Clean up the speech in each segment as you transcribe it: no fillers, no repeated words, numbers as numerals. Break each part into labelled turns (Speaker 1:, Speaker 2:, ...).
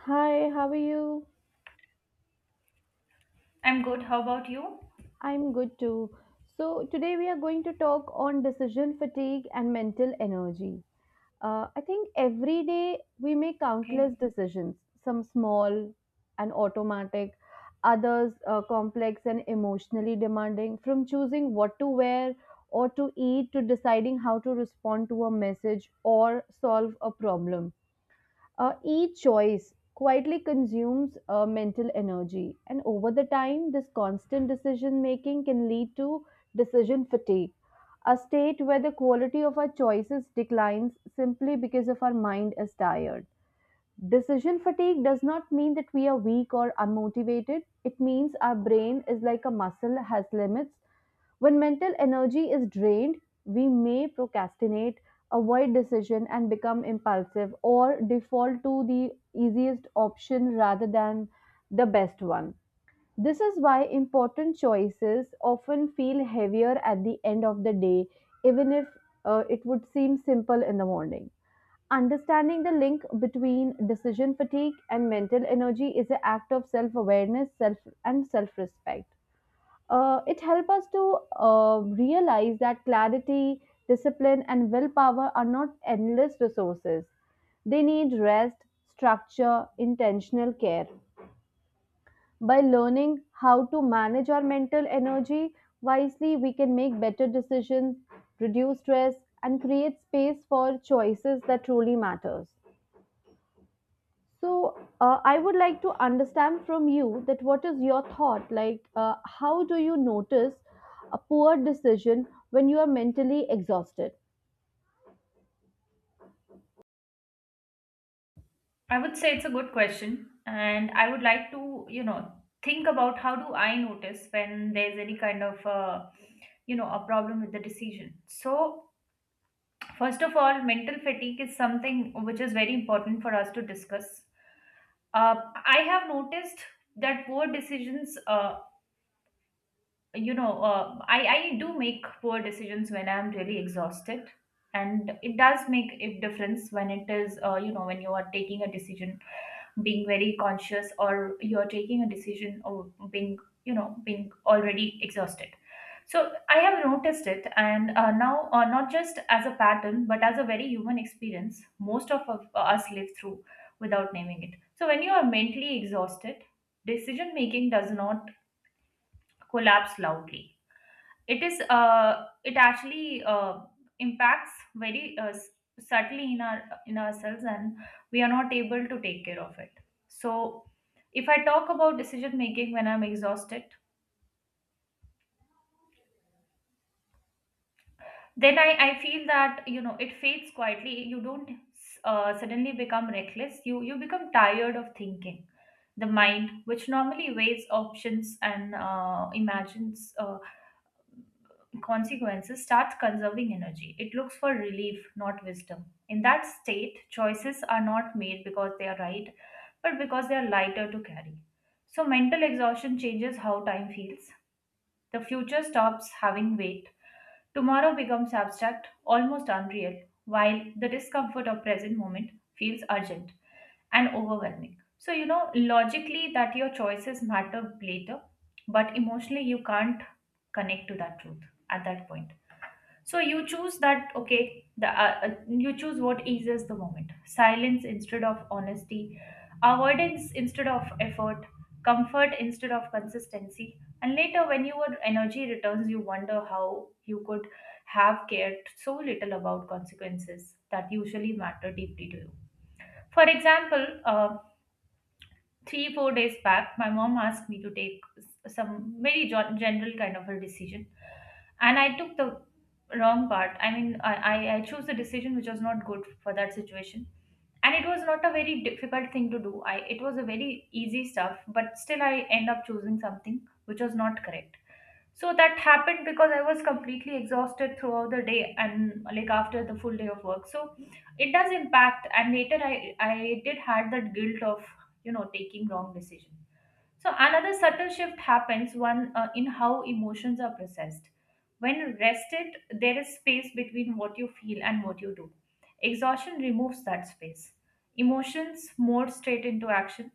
Speaker 1: Hi, how are you?
Speaker 2: I'm good. How about you?
Speaker 1: I'm good too. So, today we are going to talk on decision fatigue and mental energy. I think every day we make
Speaker 2: Okay.
Speaker 1: countless decisions, some small and automatic, others complex and emotionally demanding, from choosing what to wear or to eat to deciding how to respond to a message or solve a problem. Each choice quietly consumes mental energy, and over the time, this constant decision making can lead to decision fatigue, a state where the quality of our choices declines simply because of our mind is tired. Decision fatigue does not mean that we are weak or unmotivated. It means our brain is like a muscle, has limits. When mental energy is drained, we may procrastinate, avoid decision, and become impulsive or default to the easiest option rather than the best one. This is why important choices often feel heavier at the end of the day, even if it would seem simple in the morning. Understanding the link between decision fatigue and mental energy is an act of self-awareness, self and self-respect. It helps us to realize that clarity, discipline, and willpower are not endless resources. They need rest, structure, intentional care. By learning how to manage our mental energy wisely, we can make better decisions, reduce stress, and create space for choices that truly matters. So, I would like to understand from you that what is your thought? Like, how do you notice a poor decision when you are mentally exhausted?
Speaker 2: I would say it's a good question. And I would like to, think about how do I notice when there's any kind of, a problem with the decision. So, first of all, mental fatigue is something which is very important for us to discuss. Uh, I have noticed that poor decisions, I do make poor decisions when I'm really exhausted. And it does make a difference when it is, when you are taking a decision being very conscious or you're taking a decision or being you know being already exhausted. So I have noticed it, and now not just as a pattern but as a very human experience most of us live through without naming it. So when you are mentally exhausted, decision making does not collapse loudly. It is it actually impacts very subtly in our in ourselves, and we are not able to take care of it. So if I talk about decision making when I'm exhausted, then I feel that it fades quietly. You don't suddenly become reckless, you become tired of thinking. The mind which normally weighs options and imagines consequences starts conserving energy. It looks for relief, not wisdom. In that state, choices are not made because they are right, but because they are lighter to carry. So, mental exhaustion changes how time feels. The future stops having weight. Tomorrow becomes abstract, almost unreal, while the discomfort of present moment feels urgent and overwhelming. So, logically that your choices matter later, but emotionally you can't connect to that truth at that point. So you choose that, okay, you choose what eases the moment. Silence instead of honesty, avoidance instead of effort, comfort instead of consistency. And later, when your energy returns, you wonder how you could have cared so little about consequences that usually matter deeply to you. For example, 3-4 days back my mom asked me to take some very general kind of a decision, and I took the wrong part. I mean, I chose a decision which was not good for that situation, and it was not a very difficult thing to do. I It was a very easy stuff, but still I end up choosing something which was not correct. So that happened because I was completely exhausted throughout the day and like after the full day of work. So it does impact, and later I did had that guilt of taking wrong decision. So another subtle shift happens one in how emotions are processed. When rested, there is space between what you feel and what you do. Exhaustion removes that space. Emotions more straight into action,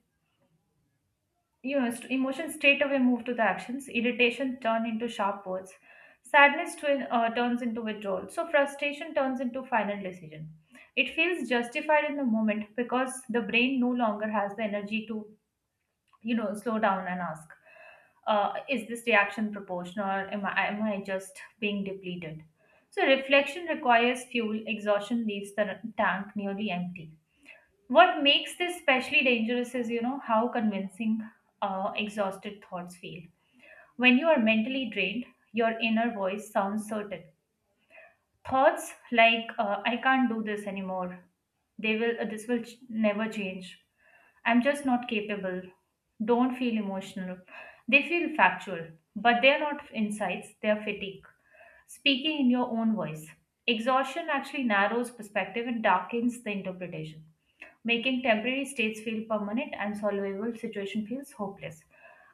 Speaker 2: emotions straight away move to the actions. Irritation turn into sharp words. Sadness turns into withdrawal. So frustration turns into final decision. It feels justified in the moment because the brain no longer has the energy to, slow down and ask, is this reaction proportional? Am I just being depleted? So reflection requires fuel. Exhaustion leaves the tank nearly empty. What makes this especially dangerous is, how convincing exhausted thoughts feel. When you are mentally drained, your inner voice sounds certain. Thoughts like "I can't do this anymore," this will never change. I'm just not capable. Don't feel emotional. They feel factual, but they are not insights. They are fatigue. Speaking in your own voice. Exhaustion actually narrows perspective and darkens the interpretation, making temporary states feel permanent and solvable situation feels hopeless.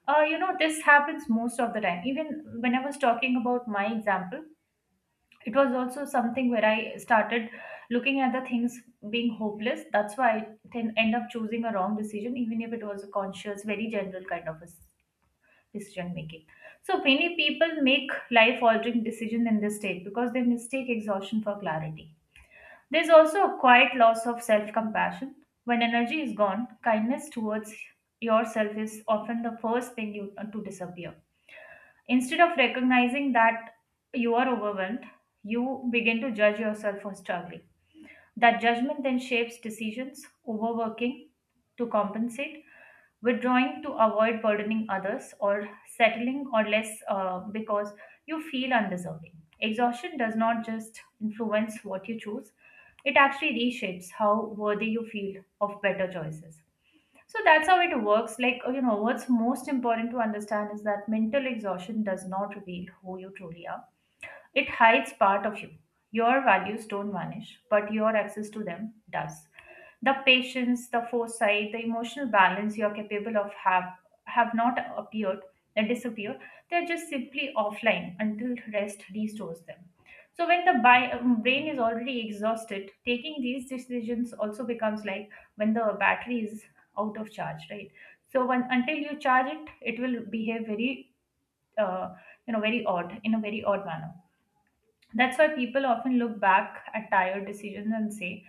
Speaker 2: This happens most of the time. Even when I was talking about my example, it was also something where I started looking at the things being hopeless. That's why I then end up choosing a wrong decision, even if it was a conscious very general kind of a decision making. So many people make life altering decision in this state because they mistake exhaustion for clarity. There's also a quiet loss of self compassion. When energy is gone, kindness towards yourself is often the first thing you to disappear. Instead of recognizing that you are overwhelmed, you begin to judge yourself for struggling. That judgment then shapes decisions, overworking to compensate, withdrawing to avoid burdening others, or settling or less because you feel undeserving. Exhaustion does not just influence what you choose, it actually reshapes how worthy you feel of better choices. So that's how it works. Like, what's most important to understand is that mental exhaustion does not reveal who you truly are, it hides part of you. Your values don't vanish, but your access to them does. The patience, the foresight, the emotional balance you're capable of have not appeared and disappeared. They're just simply offline until rest restores them. So when the brain is already exhausted, taking these decisions also becomes like when the battery is out of charge, right? So when until you charge it, it will behave very, uh, very odd in a very odd manner. That's why people often look back at tired decisions and say,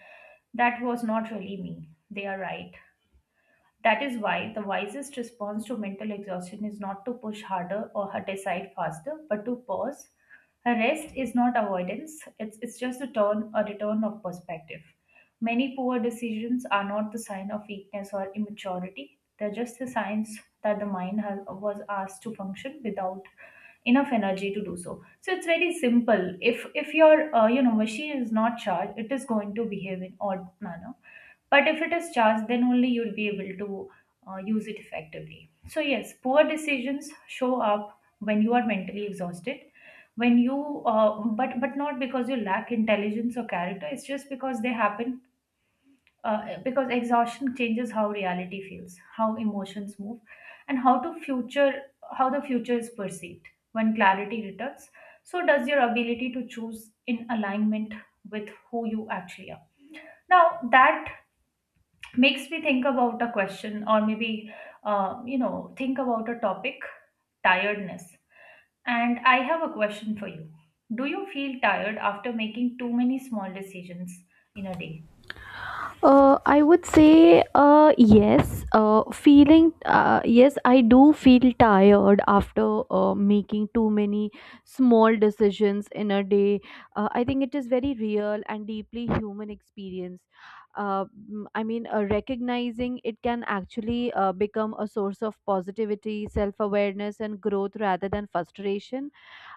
Speaker 2: that was not really me. They are right. That is why the wisest response to mental exhaustion is not to push harder or decide faster, but to pause. A rest is not avoidance, it's just a turn, a return of perspective. Many poor decisions are not the sign of weakness or immaturity, they're just the signs that the mind has, was asked to function without enough energy to do so. So it's very simple. If your machine is not charged, it is going to behave in odd manner. But if it is charged, then only you'll be able to use it effectively. So yes, poor decisions show up when you are mentally exhausted, when you but not because you lack intelligence or character. It's just because they happen because exhaustion changes how reality feels, how emotions move, and how the future is perceived. When clarity returns, so does your ability to choose in alignment with who you actually are. Now that makes me think about a question, or maybe think about a topic, tiredness. And I have a question for you. Do you feel tired after making too many small decisions in a day?
Speaker 1: I would say yes. Feeling Yes, I do feel tired after making too many small decisions in a day. I think it is very real and deeply human experience. Uh, Recognizing it can actually become a source of positivity, self awareness, and growth rather than frustration.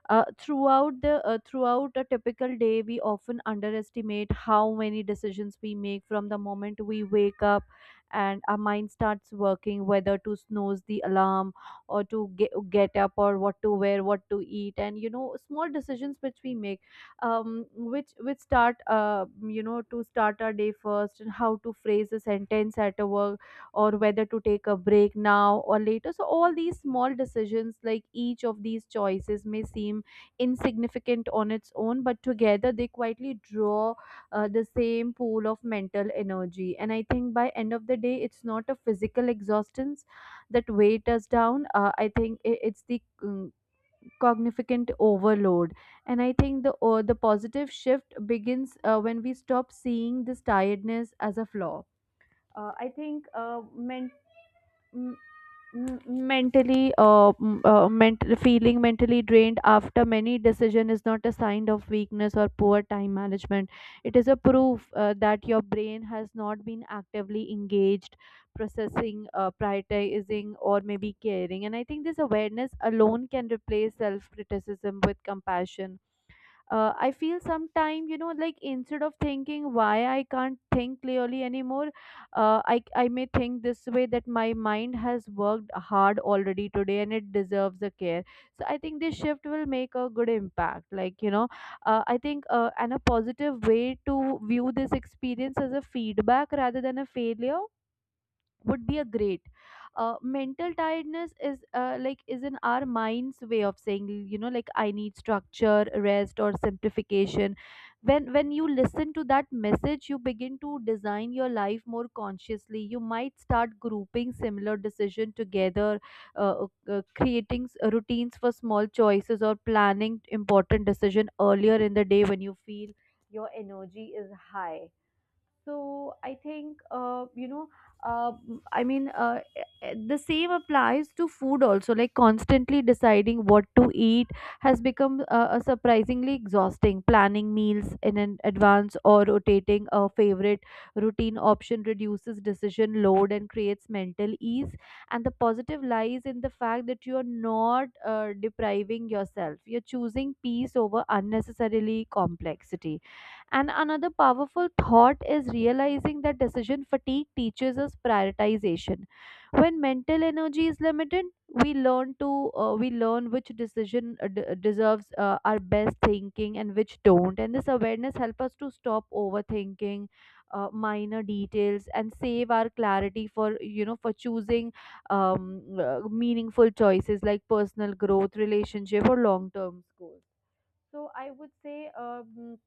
Speaker 1: Throughout a typical day, we often underestimate how many decisions we make from the moment we wake up and our mind starts working, whether to snooze the alarm or to get up or what to wear, what to eat, and you know small decisions which we make, which start you know to start our day first and how to phrase a sentence at a work or whether to take a break now or later. So, all these small decisions, like each of these choices, may seem insignificant on its own, but together they quietly draw the same pool of mental energy. And I think by end of the day, it's not a physical exhaustion that weighs us down. It's the cognificant overload. And I think the positive shift begins when we stop seeing this tiredness as a flaw. I think mental m- m- mentally m- ment- Feeling mentally drained after many decision is not a sign of weakness or poor time management. It is a proof that your brain has not been actively engaged processing, prioritizing, or maybe caring. And I think this awareness alone can replace self criticism with compassion. I feel sometime you know like instead of thinking why I can't think clearly anymore, I may think this way that my mind has worked hard already today and it deserves a care. So I think this shift will make a good impact, like you know, I think and a positive way to view this experience as a feedback rather than a failure would be a great. Mental tiredness is is in our mind's way of saying you know like I need structure, rest, or simplification. When you listen to that message, you begin to design your life more consciously. You might start grouping similar decision together, creating routines for small choices or planning important decision earlier in the day when you feel your energy is high. So I think you know uh, I mean e- e- The same applies to food also. Like constantly deciding what to eat has become a surprisingly exhausting planning meals in an advance or rotating a favorite routine option reduces decision load and creates mental ease. And the positive lies in the fact that you are not depriving yourself. You're choosing peace over unnecessarily complexity. And another powerful thought is realizing that decision fatigue teaches us prioritization. When mental energy is limited, we learn which decision deserves our best thinking and which don't. And this awareness helps us to stop overthinking minor details and save our clarity for you know for choosing meaningful choices like personal growth, relationship, or long term goals. So I would say. Um,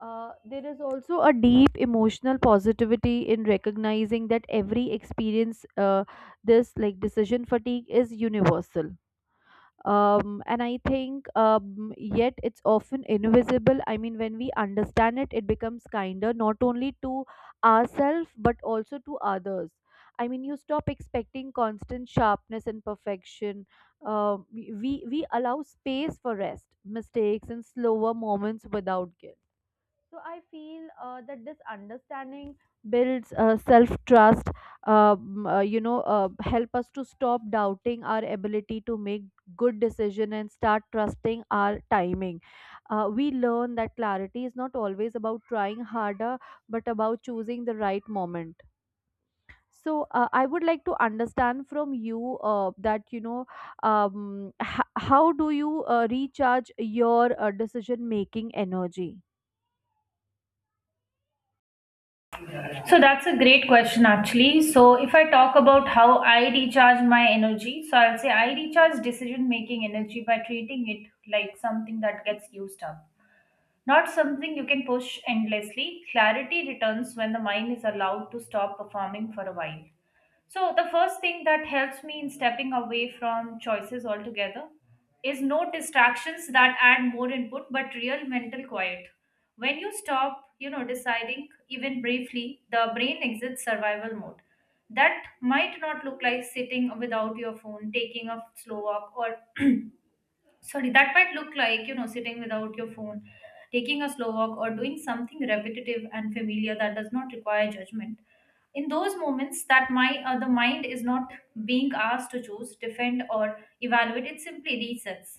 Speaker 1: uh, There is also a deep emotional positivity in recognizing that every experience, this like decision fatigue is universal. And I think, yet it's often invisible. I mean, when we understand it, it becomes kinder not only to ourselves but also to others. I mean, you stop expecting constant sharpness and perfection. We allow space for rest, mistakes, and slower moments without guilt. So I feel that this understanding builds self trust. Help us to stop doubting our ability to make good decision and start trusting our timing. We learn that clarity is not always about trying harder, but about choosing the right moment. So I would like to understand from you that you know how do you recharge your decision making energy?
Speaker 2: So that's a great question actually. So if I talk about how I recharge my energy, so I'll say I recharge decision making energy by treating it like something that gets used up, not something you can push endlessly. Clarity returns when the mind is allowed to stop performing for a while. So, the first thing that helps me in stepping away from choices altogether is no distractions that add more input, but real mental quiet. When you stop, deciding even briefly, the brain exits survival mode. That might not look like sitting without your phone, taking a slow walk, or sorry, that might look like sitting without your phone, taking a slow walk, or doing something repetitive and familiar that does not require judgment. In those moments that my the mind is not being asked to choose, defend, or evaluate, it simply resets.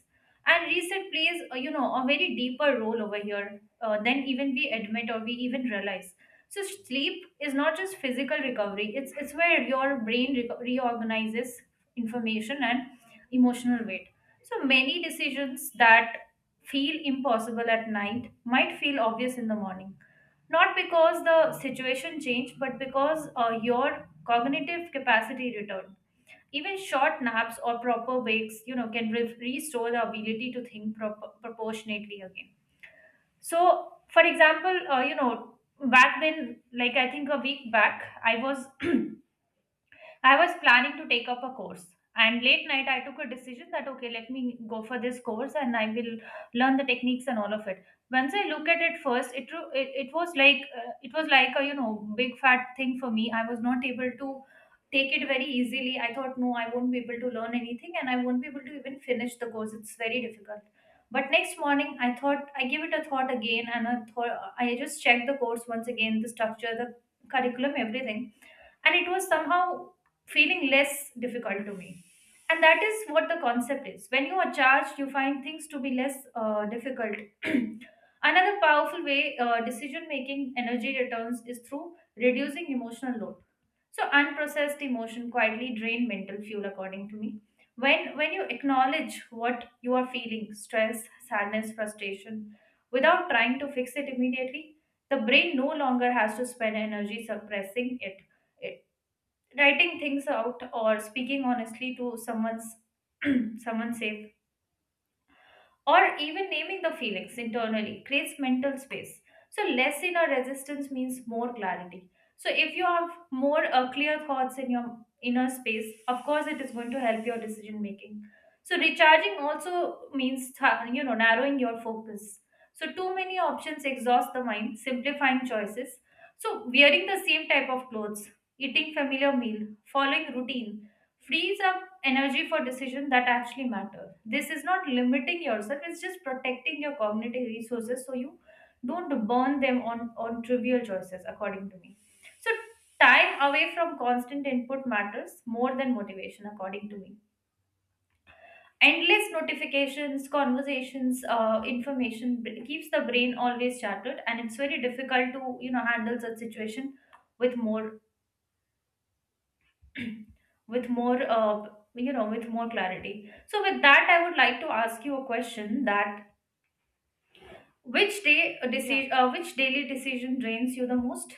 Speaker 2: And reset plays a very deeper role over here, than even we admit or we even realize. So sleep is not just physical recovery, it's where your brain reorganizes information and emotional weight. So many decisions that feel impossible at night might feel obvious in the morning. Not because the situation changed, but because your cognitive capacity returned. Even short naps or proper breaks, can restore the ability to think proportionately again. So, for example, back then, like I think a week back, I was I was planning to take up a course, and late night I took a decision that okay, let me go for this course and I will learn the techniques and all of it. Once I look at it first, it was like a big fat thing for me. I was not able to take it very easily. I thought no, I won't be able to learn anything, and I won't be able to even finish the course. It's very difficult. But next morning, I thought I gave it a thought again, and I thought I just checked the course once again, the structure, the curriculum, everything, and it was somehow feeling less difficult to me. And that is what the concept is. When you are charged, you find things to be less difficult. Another powerful way decision making energy returns is through reducing emotional load. So unprocessed emotion quietly drain mental fuel, according to me. When you acknowledge what you are feeling, stress, sadness, frustration, without trying to fix it immediately, the brain no longer has to spend energy suppressing it, writing things out or speaking honestly to someone's someone safe, or even naming the feelings internally creates mental space. So less inner resistance means more clarity. So if you have more clear thoughts in your inner space, of course, it is going to help your decision making. So recharging also means narrowing your focus. So too many options exhaust the mind, simplifying choices. So wearing the same type of clothes, eating familiar meal, following routine frees up energy for decisions that actually matter. This is not limiting yourself, it's just protecting your cognitive resources so you don't burn them on trivial choices, according to me. So time away from constant input matters more than motivation, according to me. Endless notifications, conversations, information keeps the brain always shattered, and it's very difficult to handle such situation with more with more uh, with more clarity. So with that I would like to ask you a question that which daily decision drains you the most?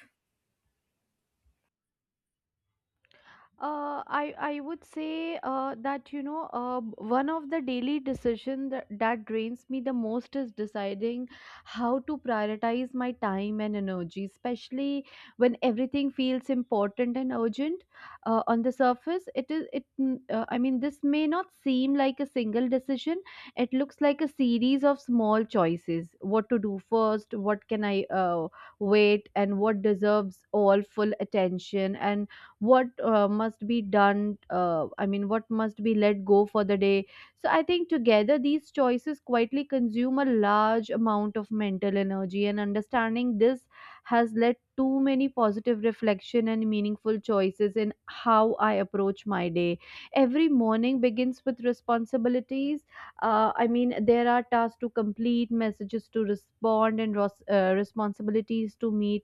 Speaker 1: I would say that you know one of the daily decision that drains me the most is deciding how to prioritize my time and energy, especially when everything feels important and urgent. On the surface, it is it. This may not seem like a single decision. It looks like a series of small choices: what to do first, what can I uh, wait, and what deserves all full attention and what must be done I mean what must be let go for the day. So I think together these choices quietly consume a large amount of mental energy, and understanding this has led to many positive reflection and meaningful choices in how I approach my day. Every morning begins with responsibilities. I mean, there are tasks to complete, messages to respond, and responsibilities to meet,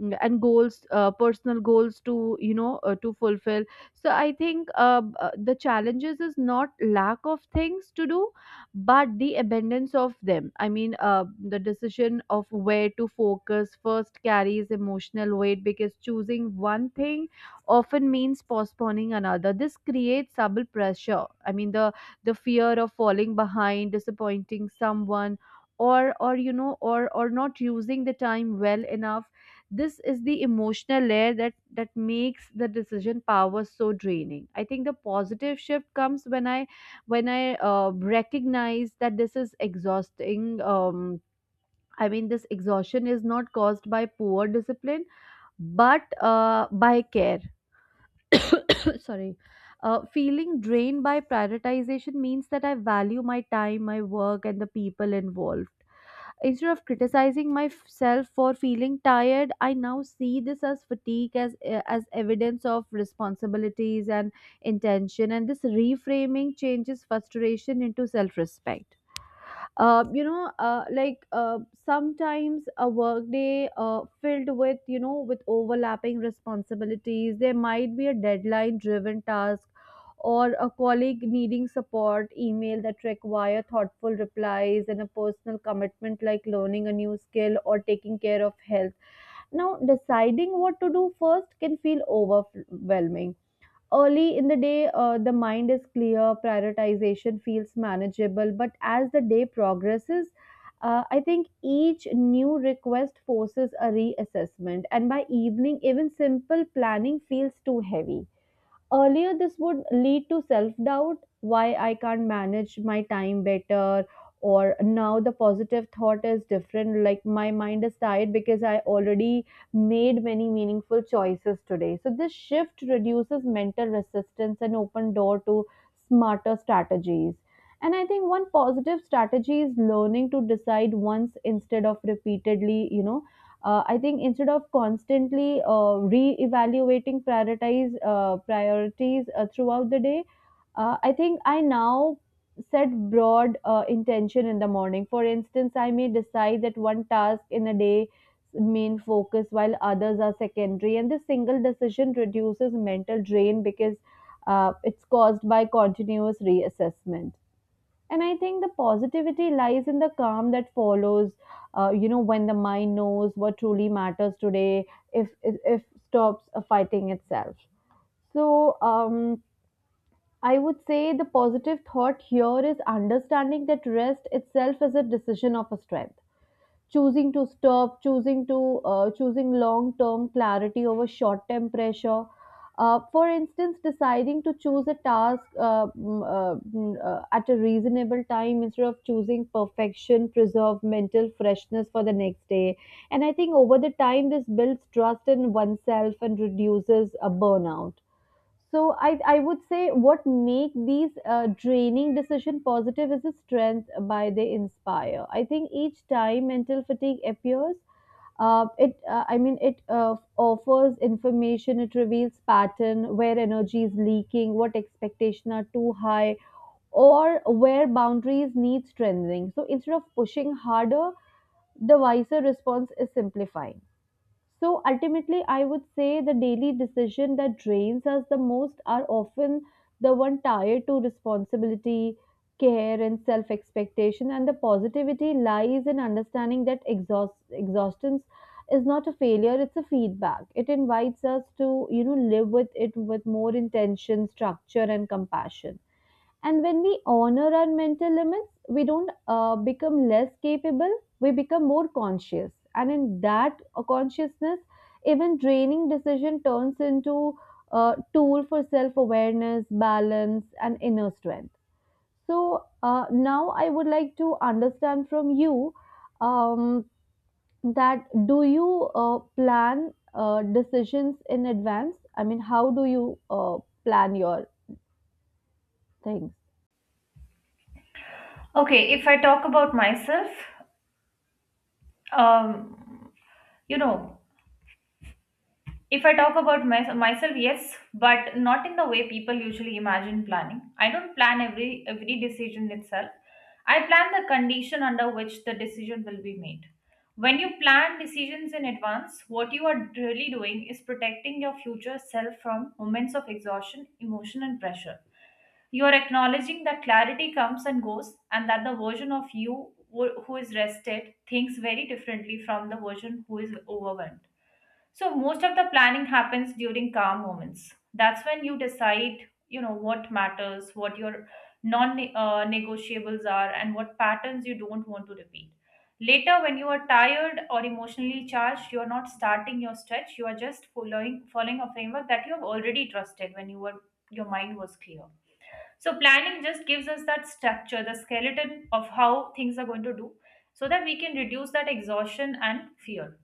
Speaker 1: and goals, personal goals to you know to fulfill. The challenges is not lack of things to do but the abundance of them. The decision of where to focus first carries emotional weight because choosing one thing often means postponing another. This creates double pressure. I mean the fear of falling behind, disappointing someone, or you know or not using the time well enough. This is the emotional layer that makes the decision power so draining. I think the positive shift comes when I recognize that this is exhausting. I mean, this exhaustion is not caused by poor discipline, but by care. Sorry. Feeling drained by prioritization means that I value my time, my work, and the people involved. Instead of criticizing myself for feeling tired, I now see this as fatigue, as evidence of responsibilities and intention. And this reframing changes frustration into self-respect. uh, you know, uh, like uh, Sometimes a workday filled with, you know, with overlapping responsibilities. There might be a deadline-driven task or a colleague needing support email that require thoughtful replies and a personal commitment like learning a new skill or taking care of health. Now, deciding what to do first can feel overwhelming. Early in the day, the mind is clear, prioritization feels manageable, but as the day progresses, I think each new request forces a reassessment, and by evening, even simple planning feels too heavy. Earlier, this would lead to self doubt why I can't manage my time better. Or now the positive thought is different. Like my mind is tired because I already made many meaningful choices today. So this shift reduces mental resistance and open door to smarter strategies. And I think one positive strategy is learning to decide once instead of repeatedly, I think instead of constantly re-evaluating prioritize priorities throughout the day. I think I now set broad intention in the morning. For instance, I may decide that one task in a day main focus while others are secondary, and this single decision reduces mental drain because it's caused by continuous reassessment. And I think the positivity lies in the calm that follows, when the mind knows what truly matters today, if stops fighting itself. So I would say the positive thought here is understanding that rest itself is a decision of a strength, choosing to stop, choosing long term clarity over short term pressure. For instance, deciding to choose a task at a reasonable time instead of choosing perfection, preserve mental freshness for the next day. And I think over the time, this builds trust in oneself and reduces a burnout. So I would say what make these draining decision positive is the strength by they inspire. I think each time mental fatigue appears, it I mean it offers information. It reveals pattern where energy is leaking, what expectation are too high, or where boundaries need strengthening. So instead of pushing harder, the wiser response is simplifying. So ultimately, I would say the daily decision that drains us the most are often the one tied to responsibility, care, and self expectation. And the positivity lies in understanding that exhaustion is not a failure; it's a feedback. It invites us to, you know, live with it with more intention, structure, and compassion. And when we honor our mental limits, we don't become less capable, we become more conscious. And in that consciousness, even draining decision turns into a tool for self awareness, balance, and inner strength. So now I would like to understand from you, um, that do you plan decisions in advance? I mean, how do you plan your things?
Speaker 2: Okay, if I talk about myself, um you know if I talk about myself, yes, but not in the way people usually imagine planning. I don't plan every decision itself. I plan the condition under which the decision will be made. When you plan decisions in advance, what you are really doing is protecting your future self from moments of exhaustion, emotion, and pressure. You are acknowledging that clarity comes and goes, and that the version of you who is rested thinks very differently from the version who is overwhelmed. So most of the planning happens during calm moments. That's when you decide, you know, what matters, what your non-negotiables are, and what patterns you don't want to repeat. Later, when you are tired or emotionally charged, you are not starting your stretch. You are just following a framework that you have already trusted when your mind was clear. So planning just gives us that structure, the skeleton of how things are going to do, so that we can reduce that exhaustion and fear.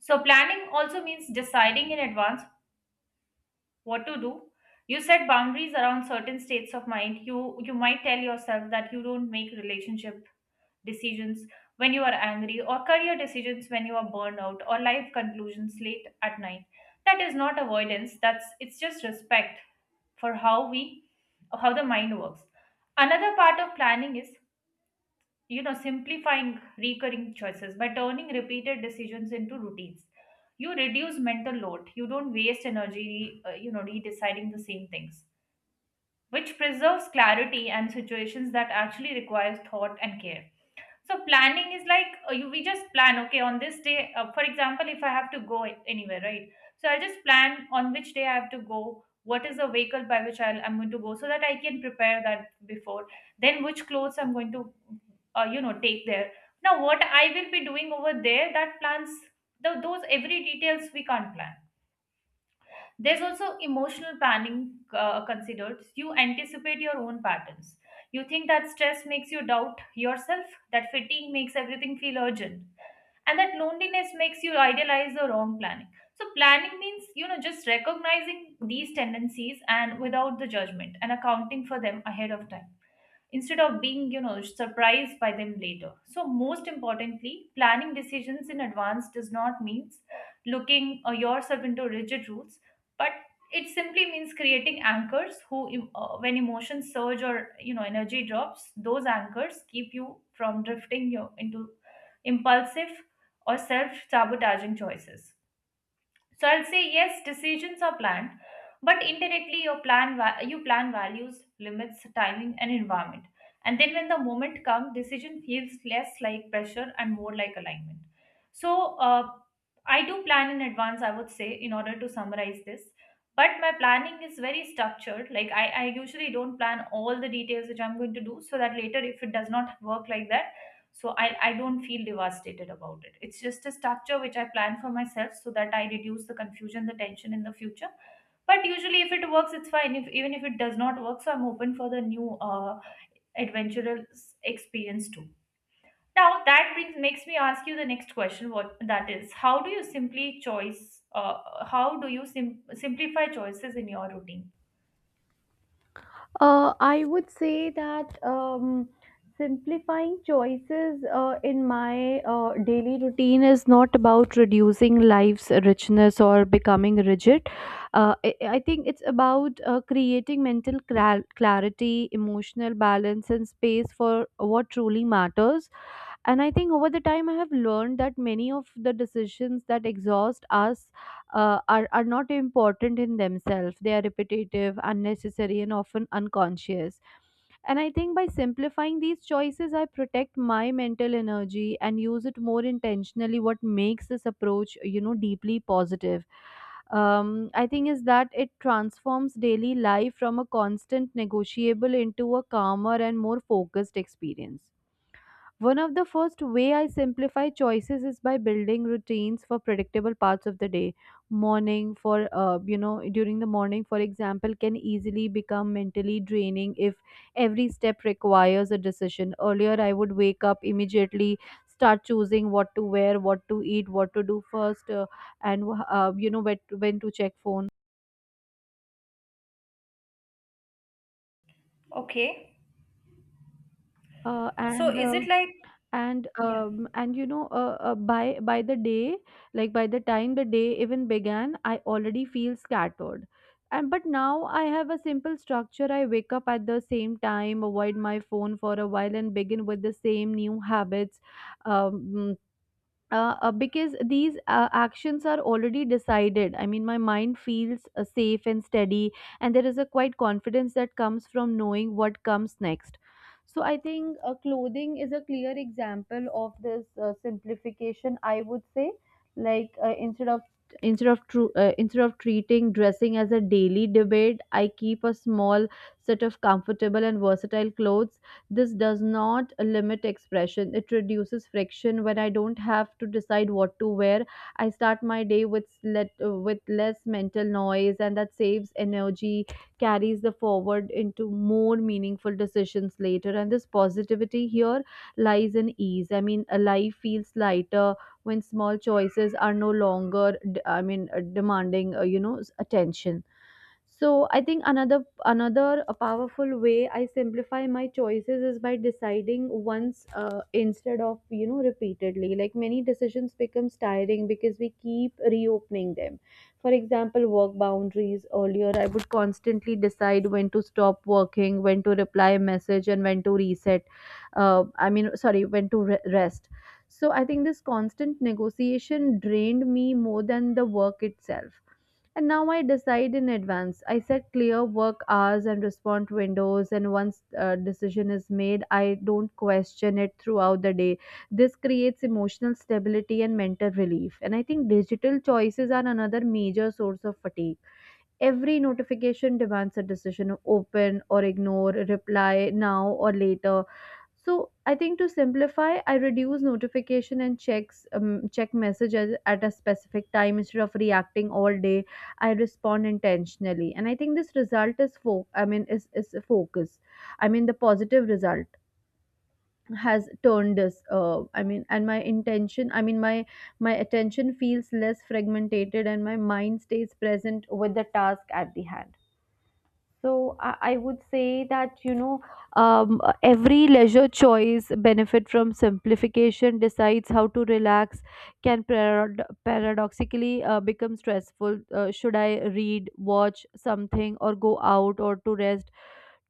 Speaker 2: So planning also means deciding in advance what to do. You set boundaries around certain states of mind. You might tell yourself that you don't make relationship decisions when you are angry, or career decisions when you are burned out, or life conclusions late at night. That is not avoidance. That's, it's just respect for how the mind works. Another part of planning is, you know, simplifying recurring choices. By turning repeated decisions into routines, you reduce mental load. You don't waste energy you know, redeciding the same things, which preserves clarity and situations that actually requires thought and care. So planning is like, you we just plan, okay, on this day, for example, if I have to go anywhere, right, so I'll just plan on which day I have to go, what is the vehicle by which I'm going to go, so that I can prepare that before, then which clothes I'm going to you know, take there, now what I will be doing over there. That plans, those every details we can't plan. There's also emotional planning considered. You anticipate your own patterns. You think that stress makes you doubt yourself, that fatigue makes everything feel urgent, and that loneliness makes you idealize the wrong planning. So planning means, you know, just recognizing these tendencies and without the judgment and accounting for them ahead of time instead of being, you know, surprised by them later. So most importantly, planning decisions in advance does not mean looking yourself into rigid rules, but it simply means creating anchors. When emotions surge or, you know, energy drops, those anchors keep you from drifting you into impulsive or self sabotaging choices. So I'll say yes, decisions are planned, but indirectly. You plan values, limits, timing, and environment. And then when the moment comes, decision feels less like pressure and more like alignment. So I do plan in advance, I would say, in order to summarize this. But my planning is very structured. Like I usually don't plan all the details which I'm going to do, so that later if it does not work like that, so I don't feel devastated about it. It's just a structure which I plan for myself so that I reduce the confusion, the tension in the future. But usually if it works, it's fine. If even if it does not work, so I'm open for the new adventurous experience too. Now that brings, makes me ask you the next question. What that is How do you simply choice, how do you simplify choices in your routine?
Speaker 1: I would say that simplifying choices in my daily routine is not about reducing life's richness or becoming rigid. I think it's about creating mental clarity, emotional balance, and space for what truly matters. And I think over the time, I have learned that many of the decisions that exhaust us are not important in themselves. They are repetitive, unnecessary, and often unconscious. And I think by simplifying these choices, I protect my mental energy and use it more intentionally. What makes this approach, you know, deeply positive? I think is that it transforms daily life from a constant negotiable into a calmer and more focused experience. One of the first way I simplify choices is by building routines for predictable parts of the day. Morning for you know During the morning, for example, can easily become mentally draining if every step requires a decision. Earlier I would wake up immediately, start choosing what to wear, what to eat, what to do first, and you know when to check phone.
Speaker 2: Okay,
Speaker 1: Uh,
Speaker 2: so
Speaker 1: and
Speaker 2: is
Speaker 1: uh,
Speaker 2: it like, yeah,
Speaker 1: and you know by the day, like by the time the day even began, I already feel scattered. And But now I have a simple structure. I wake up at the same time, avoid my phone for a while, and begin with the same new habits. um, because these actions are already decided, I mean, my mind feels safe and steady, and there is a quite confidence that comes from knowing what comes next. So, I think clothing is a clear example of this simplification. I would say, like, instead of treating dressing as a daily debate, I keep a small set of comfortable and versatile clothes. This does not limit expression, it reduces friction. When I don't have to decide what to wear, I start my day with, let, with less mental noise, and that saves energy, carries the forward into more meaningful decisions later. And this positivity here lies in ease. I mean, a life feels lighter when small choices are no longer, I mean, demanding, you know, attention. So I think another a powerful way I simplify my choices is by deciding once, instead of, you know, repeatedly. Like many decisions becomes tiring because we keep reopening them. For example, work boundaries. Earlier I would constantly decide when to stop working, when to reply a message, and when to reset, I mean sorry, when to rest. So I think this constant negotiation drained me more than the work itself. And now I decide in advance. I set clear work hours and respond to windows. And once a decision is made, I don't question it throughout the day. This creates emotional stability and mental relief. And I think digital choices are another major source of fatigue. Every notification demands a decision, open or ignore, reply now or later. So I think to simplify, I reduce notification and checks, check messages at a specific time instead of reacting all day. I respond intentionally, and I think this result I mean is focus. I mean the positive result has turned this. I mean, and my intention, I mean my my attention feels less fragmented, and my mind stays present with the task at the hand. So I would say that, you know, every leisure choice benefit from simplification. Decides how to relax can paradoxically become stressful. Should I read, watch something, or go out or to rest?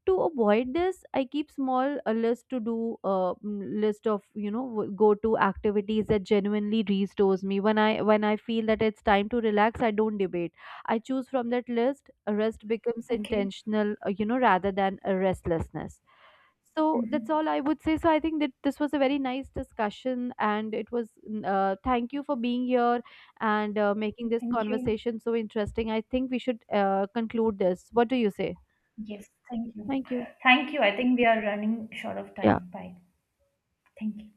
Speaker 1: To avoid this, I keep small a list to do, list of, you know, go to activities that genuinely restores me. When I feel that it's time to relax, I don't debate, I choose from that list. Rest becomes
Speaker 2: okay.
Speaker 1: intentional, rather than a restlessness. So that's
Speaker 2: Hmm.
Speaker 1: all I would say. So I think that this was a very nice discussion, and it was thank you for being here and making this
Speaker 2: Thank you.
Speaker 1: conversation so interesting. I think we should conclude this. What do you say?
Speaker 2: Yes, thank you.
Speaker 1: Thank you.
Speaker 2: Thank you. I think we are running short of time.
Speaker 1: Yeah.
Speaker 2: Bye. Thank you.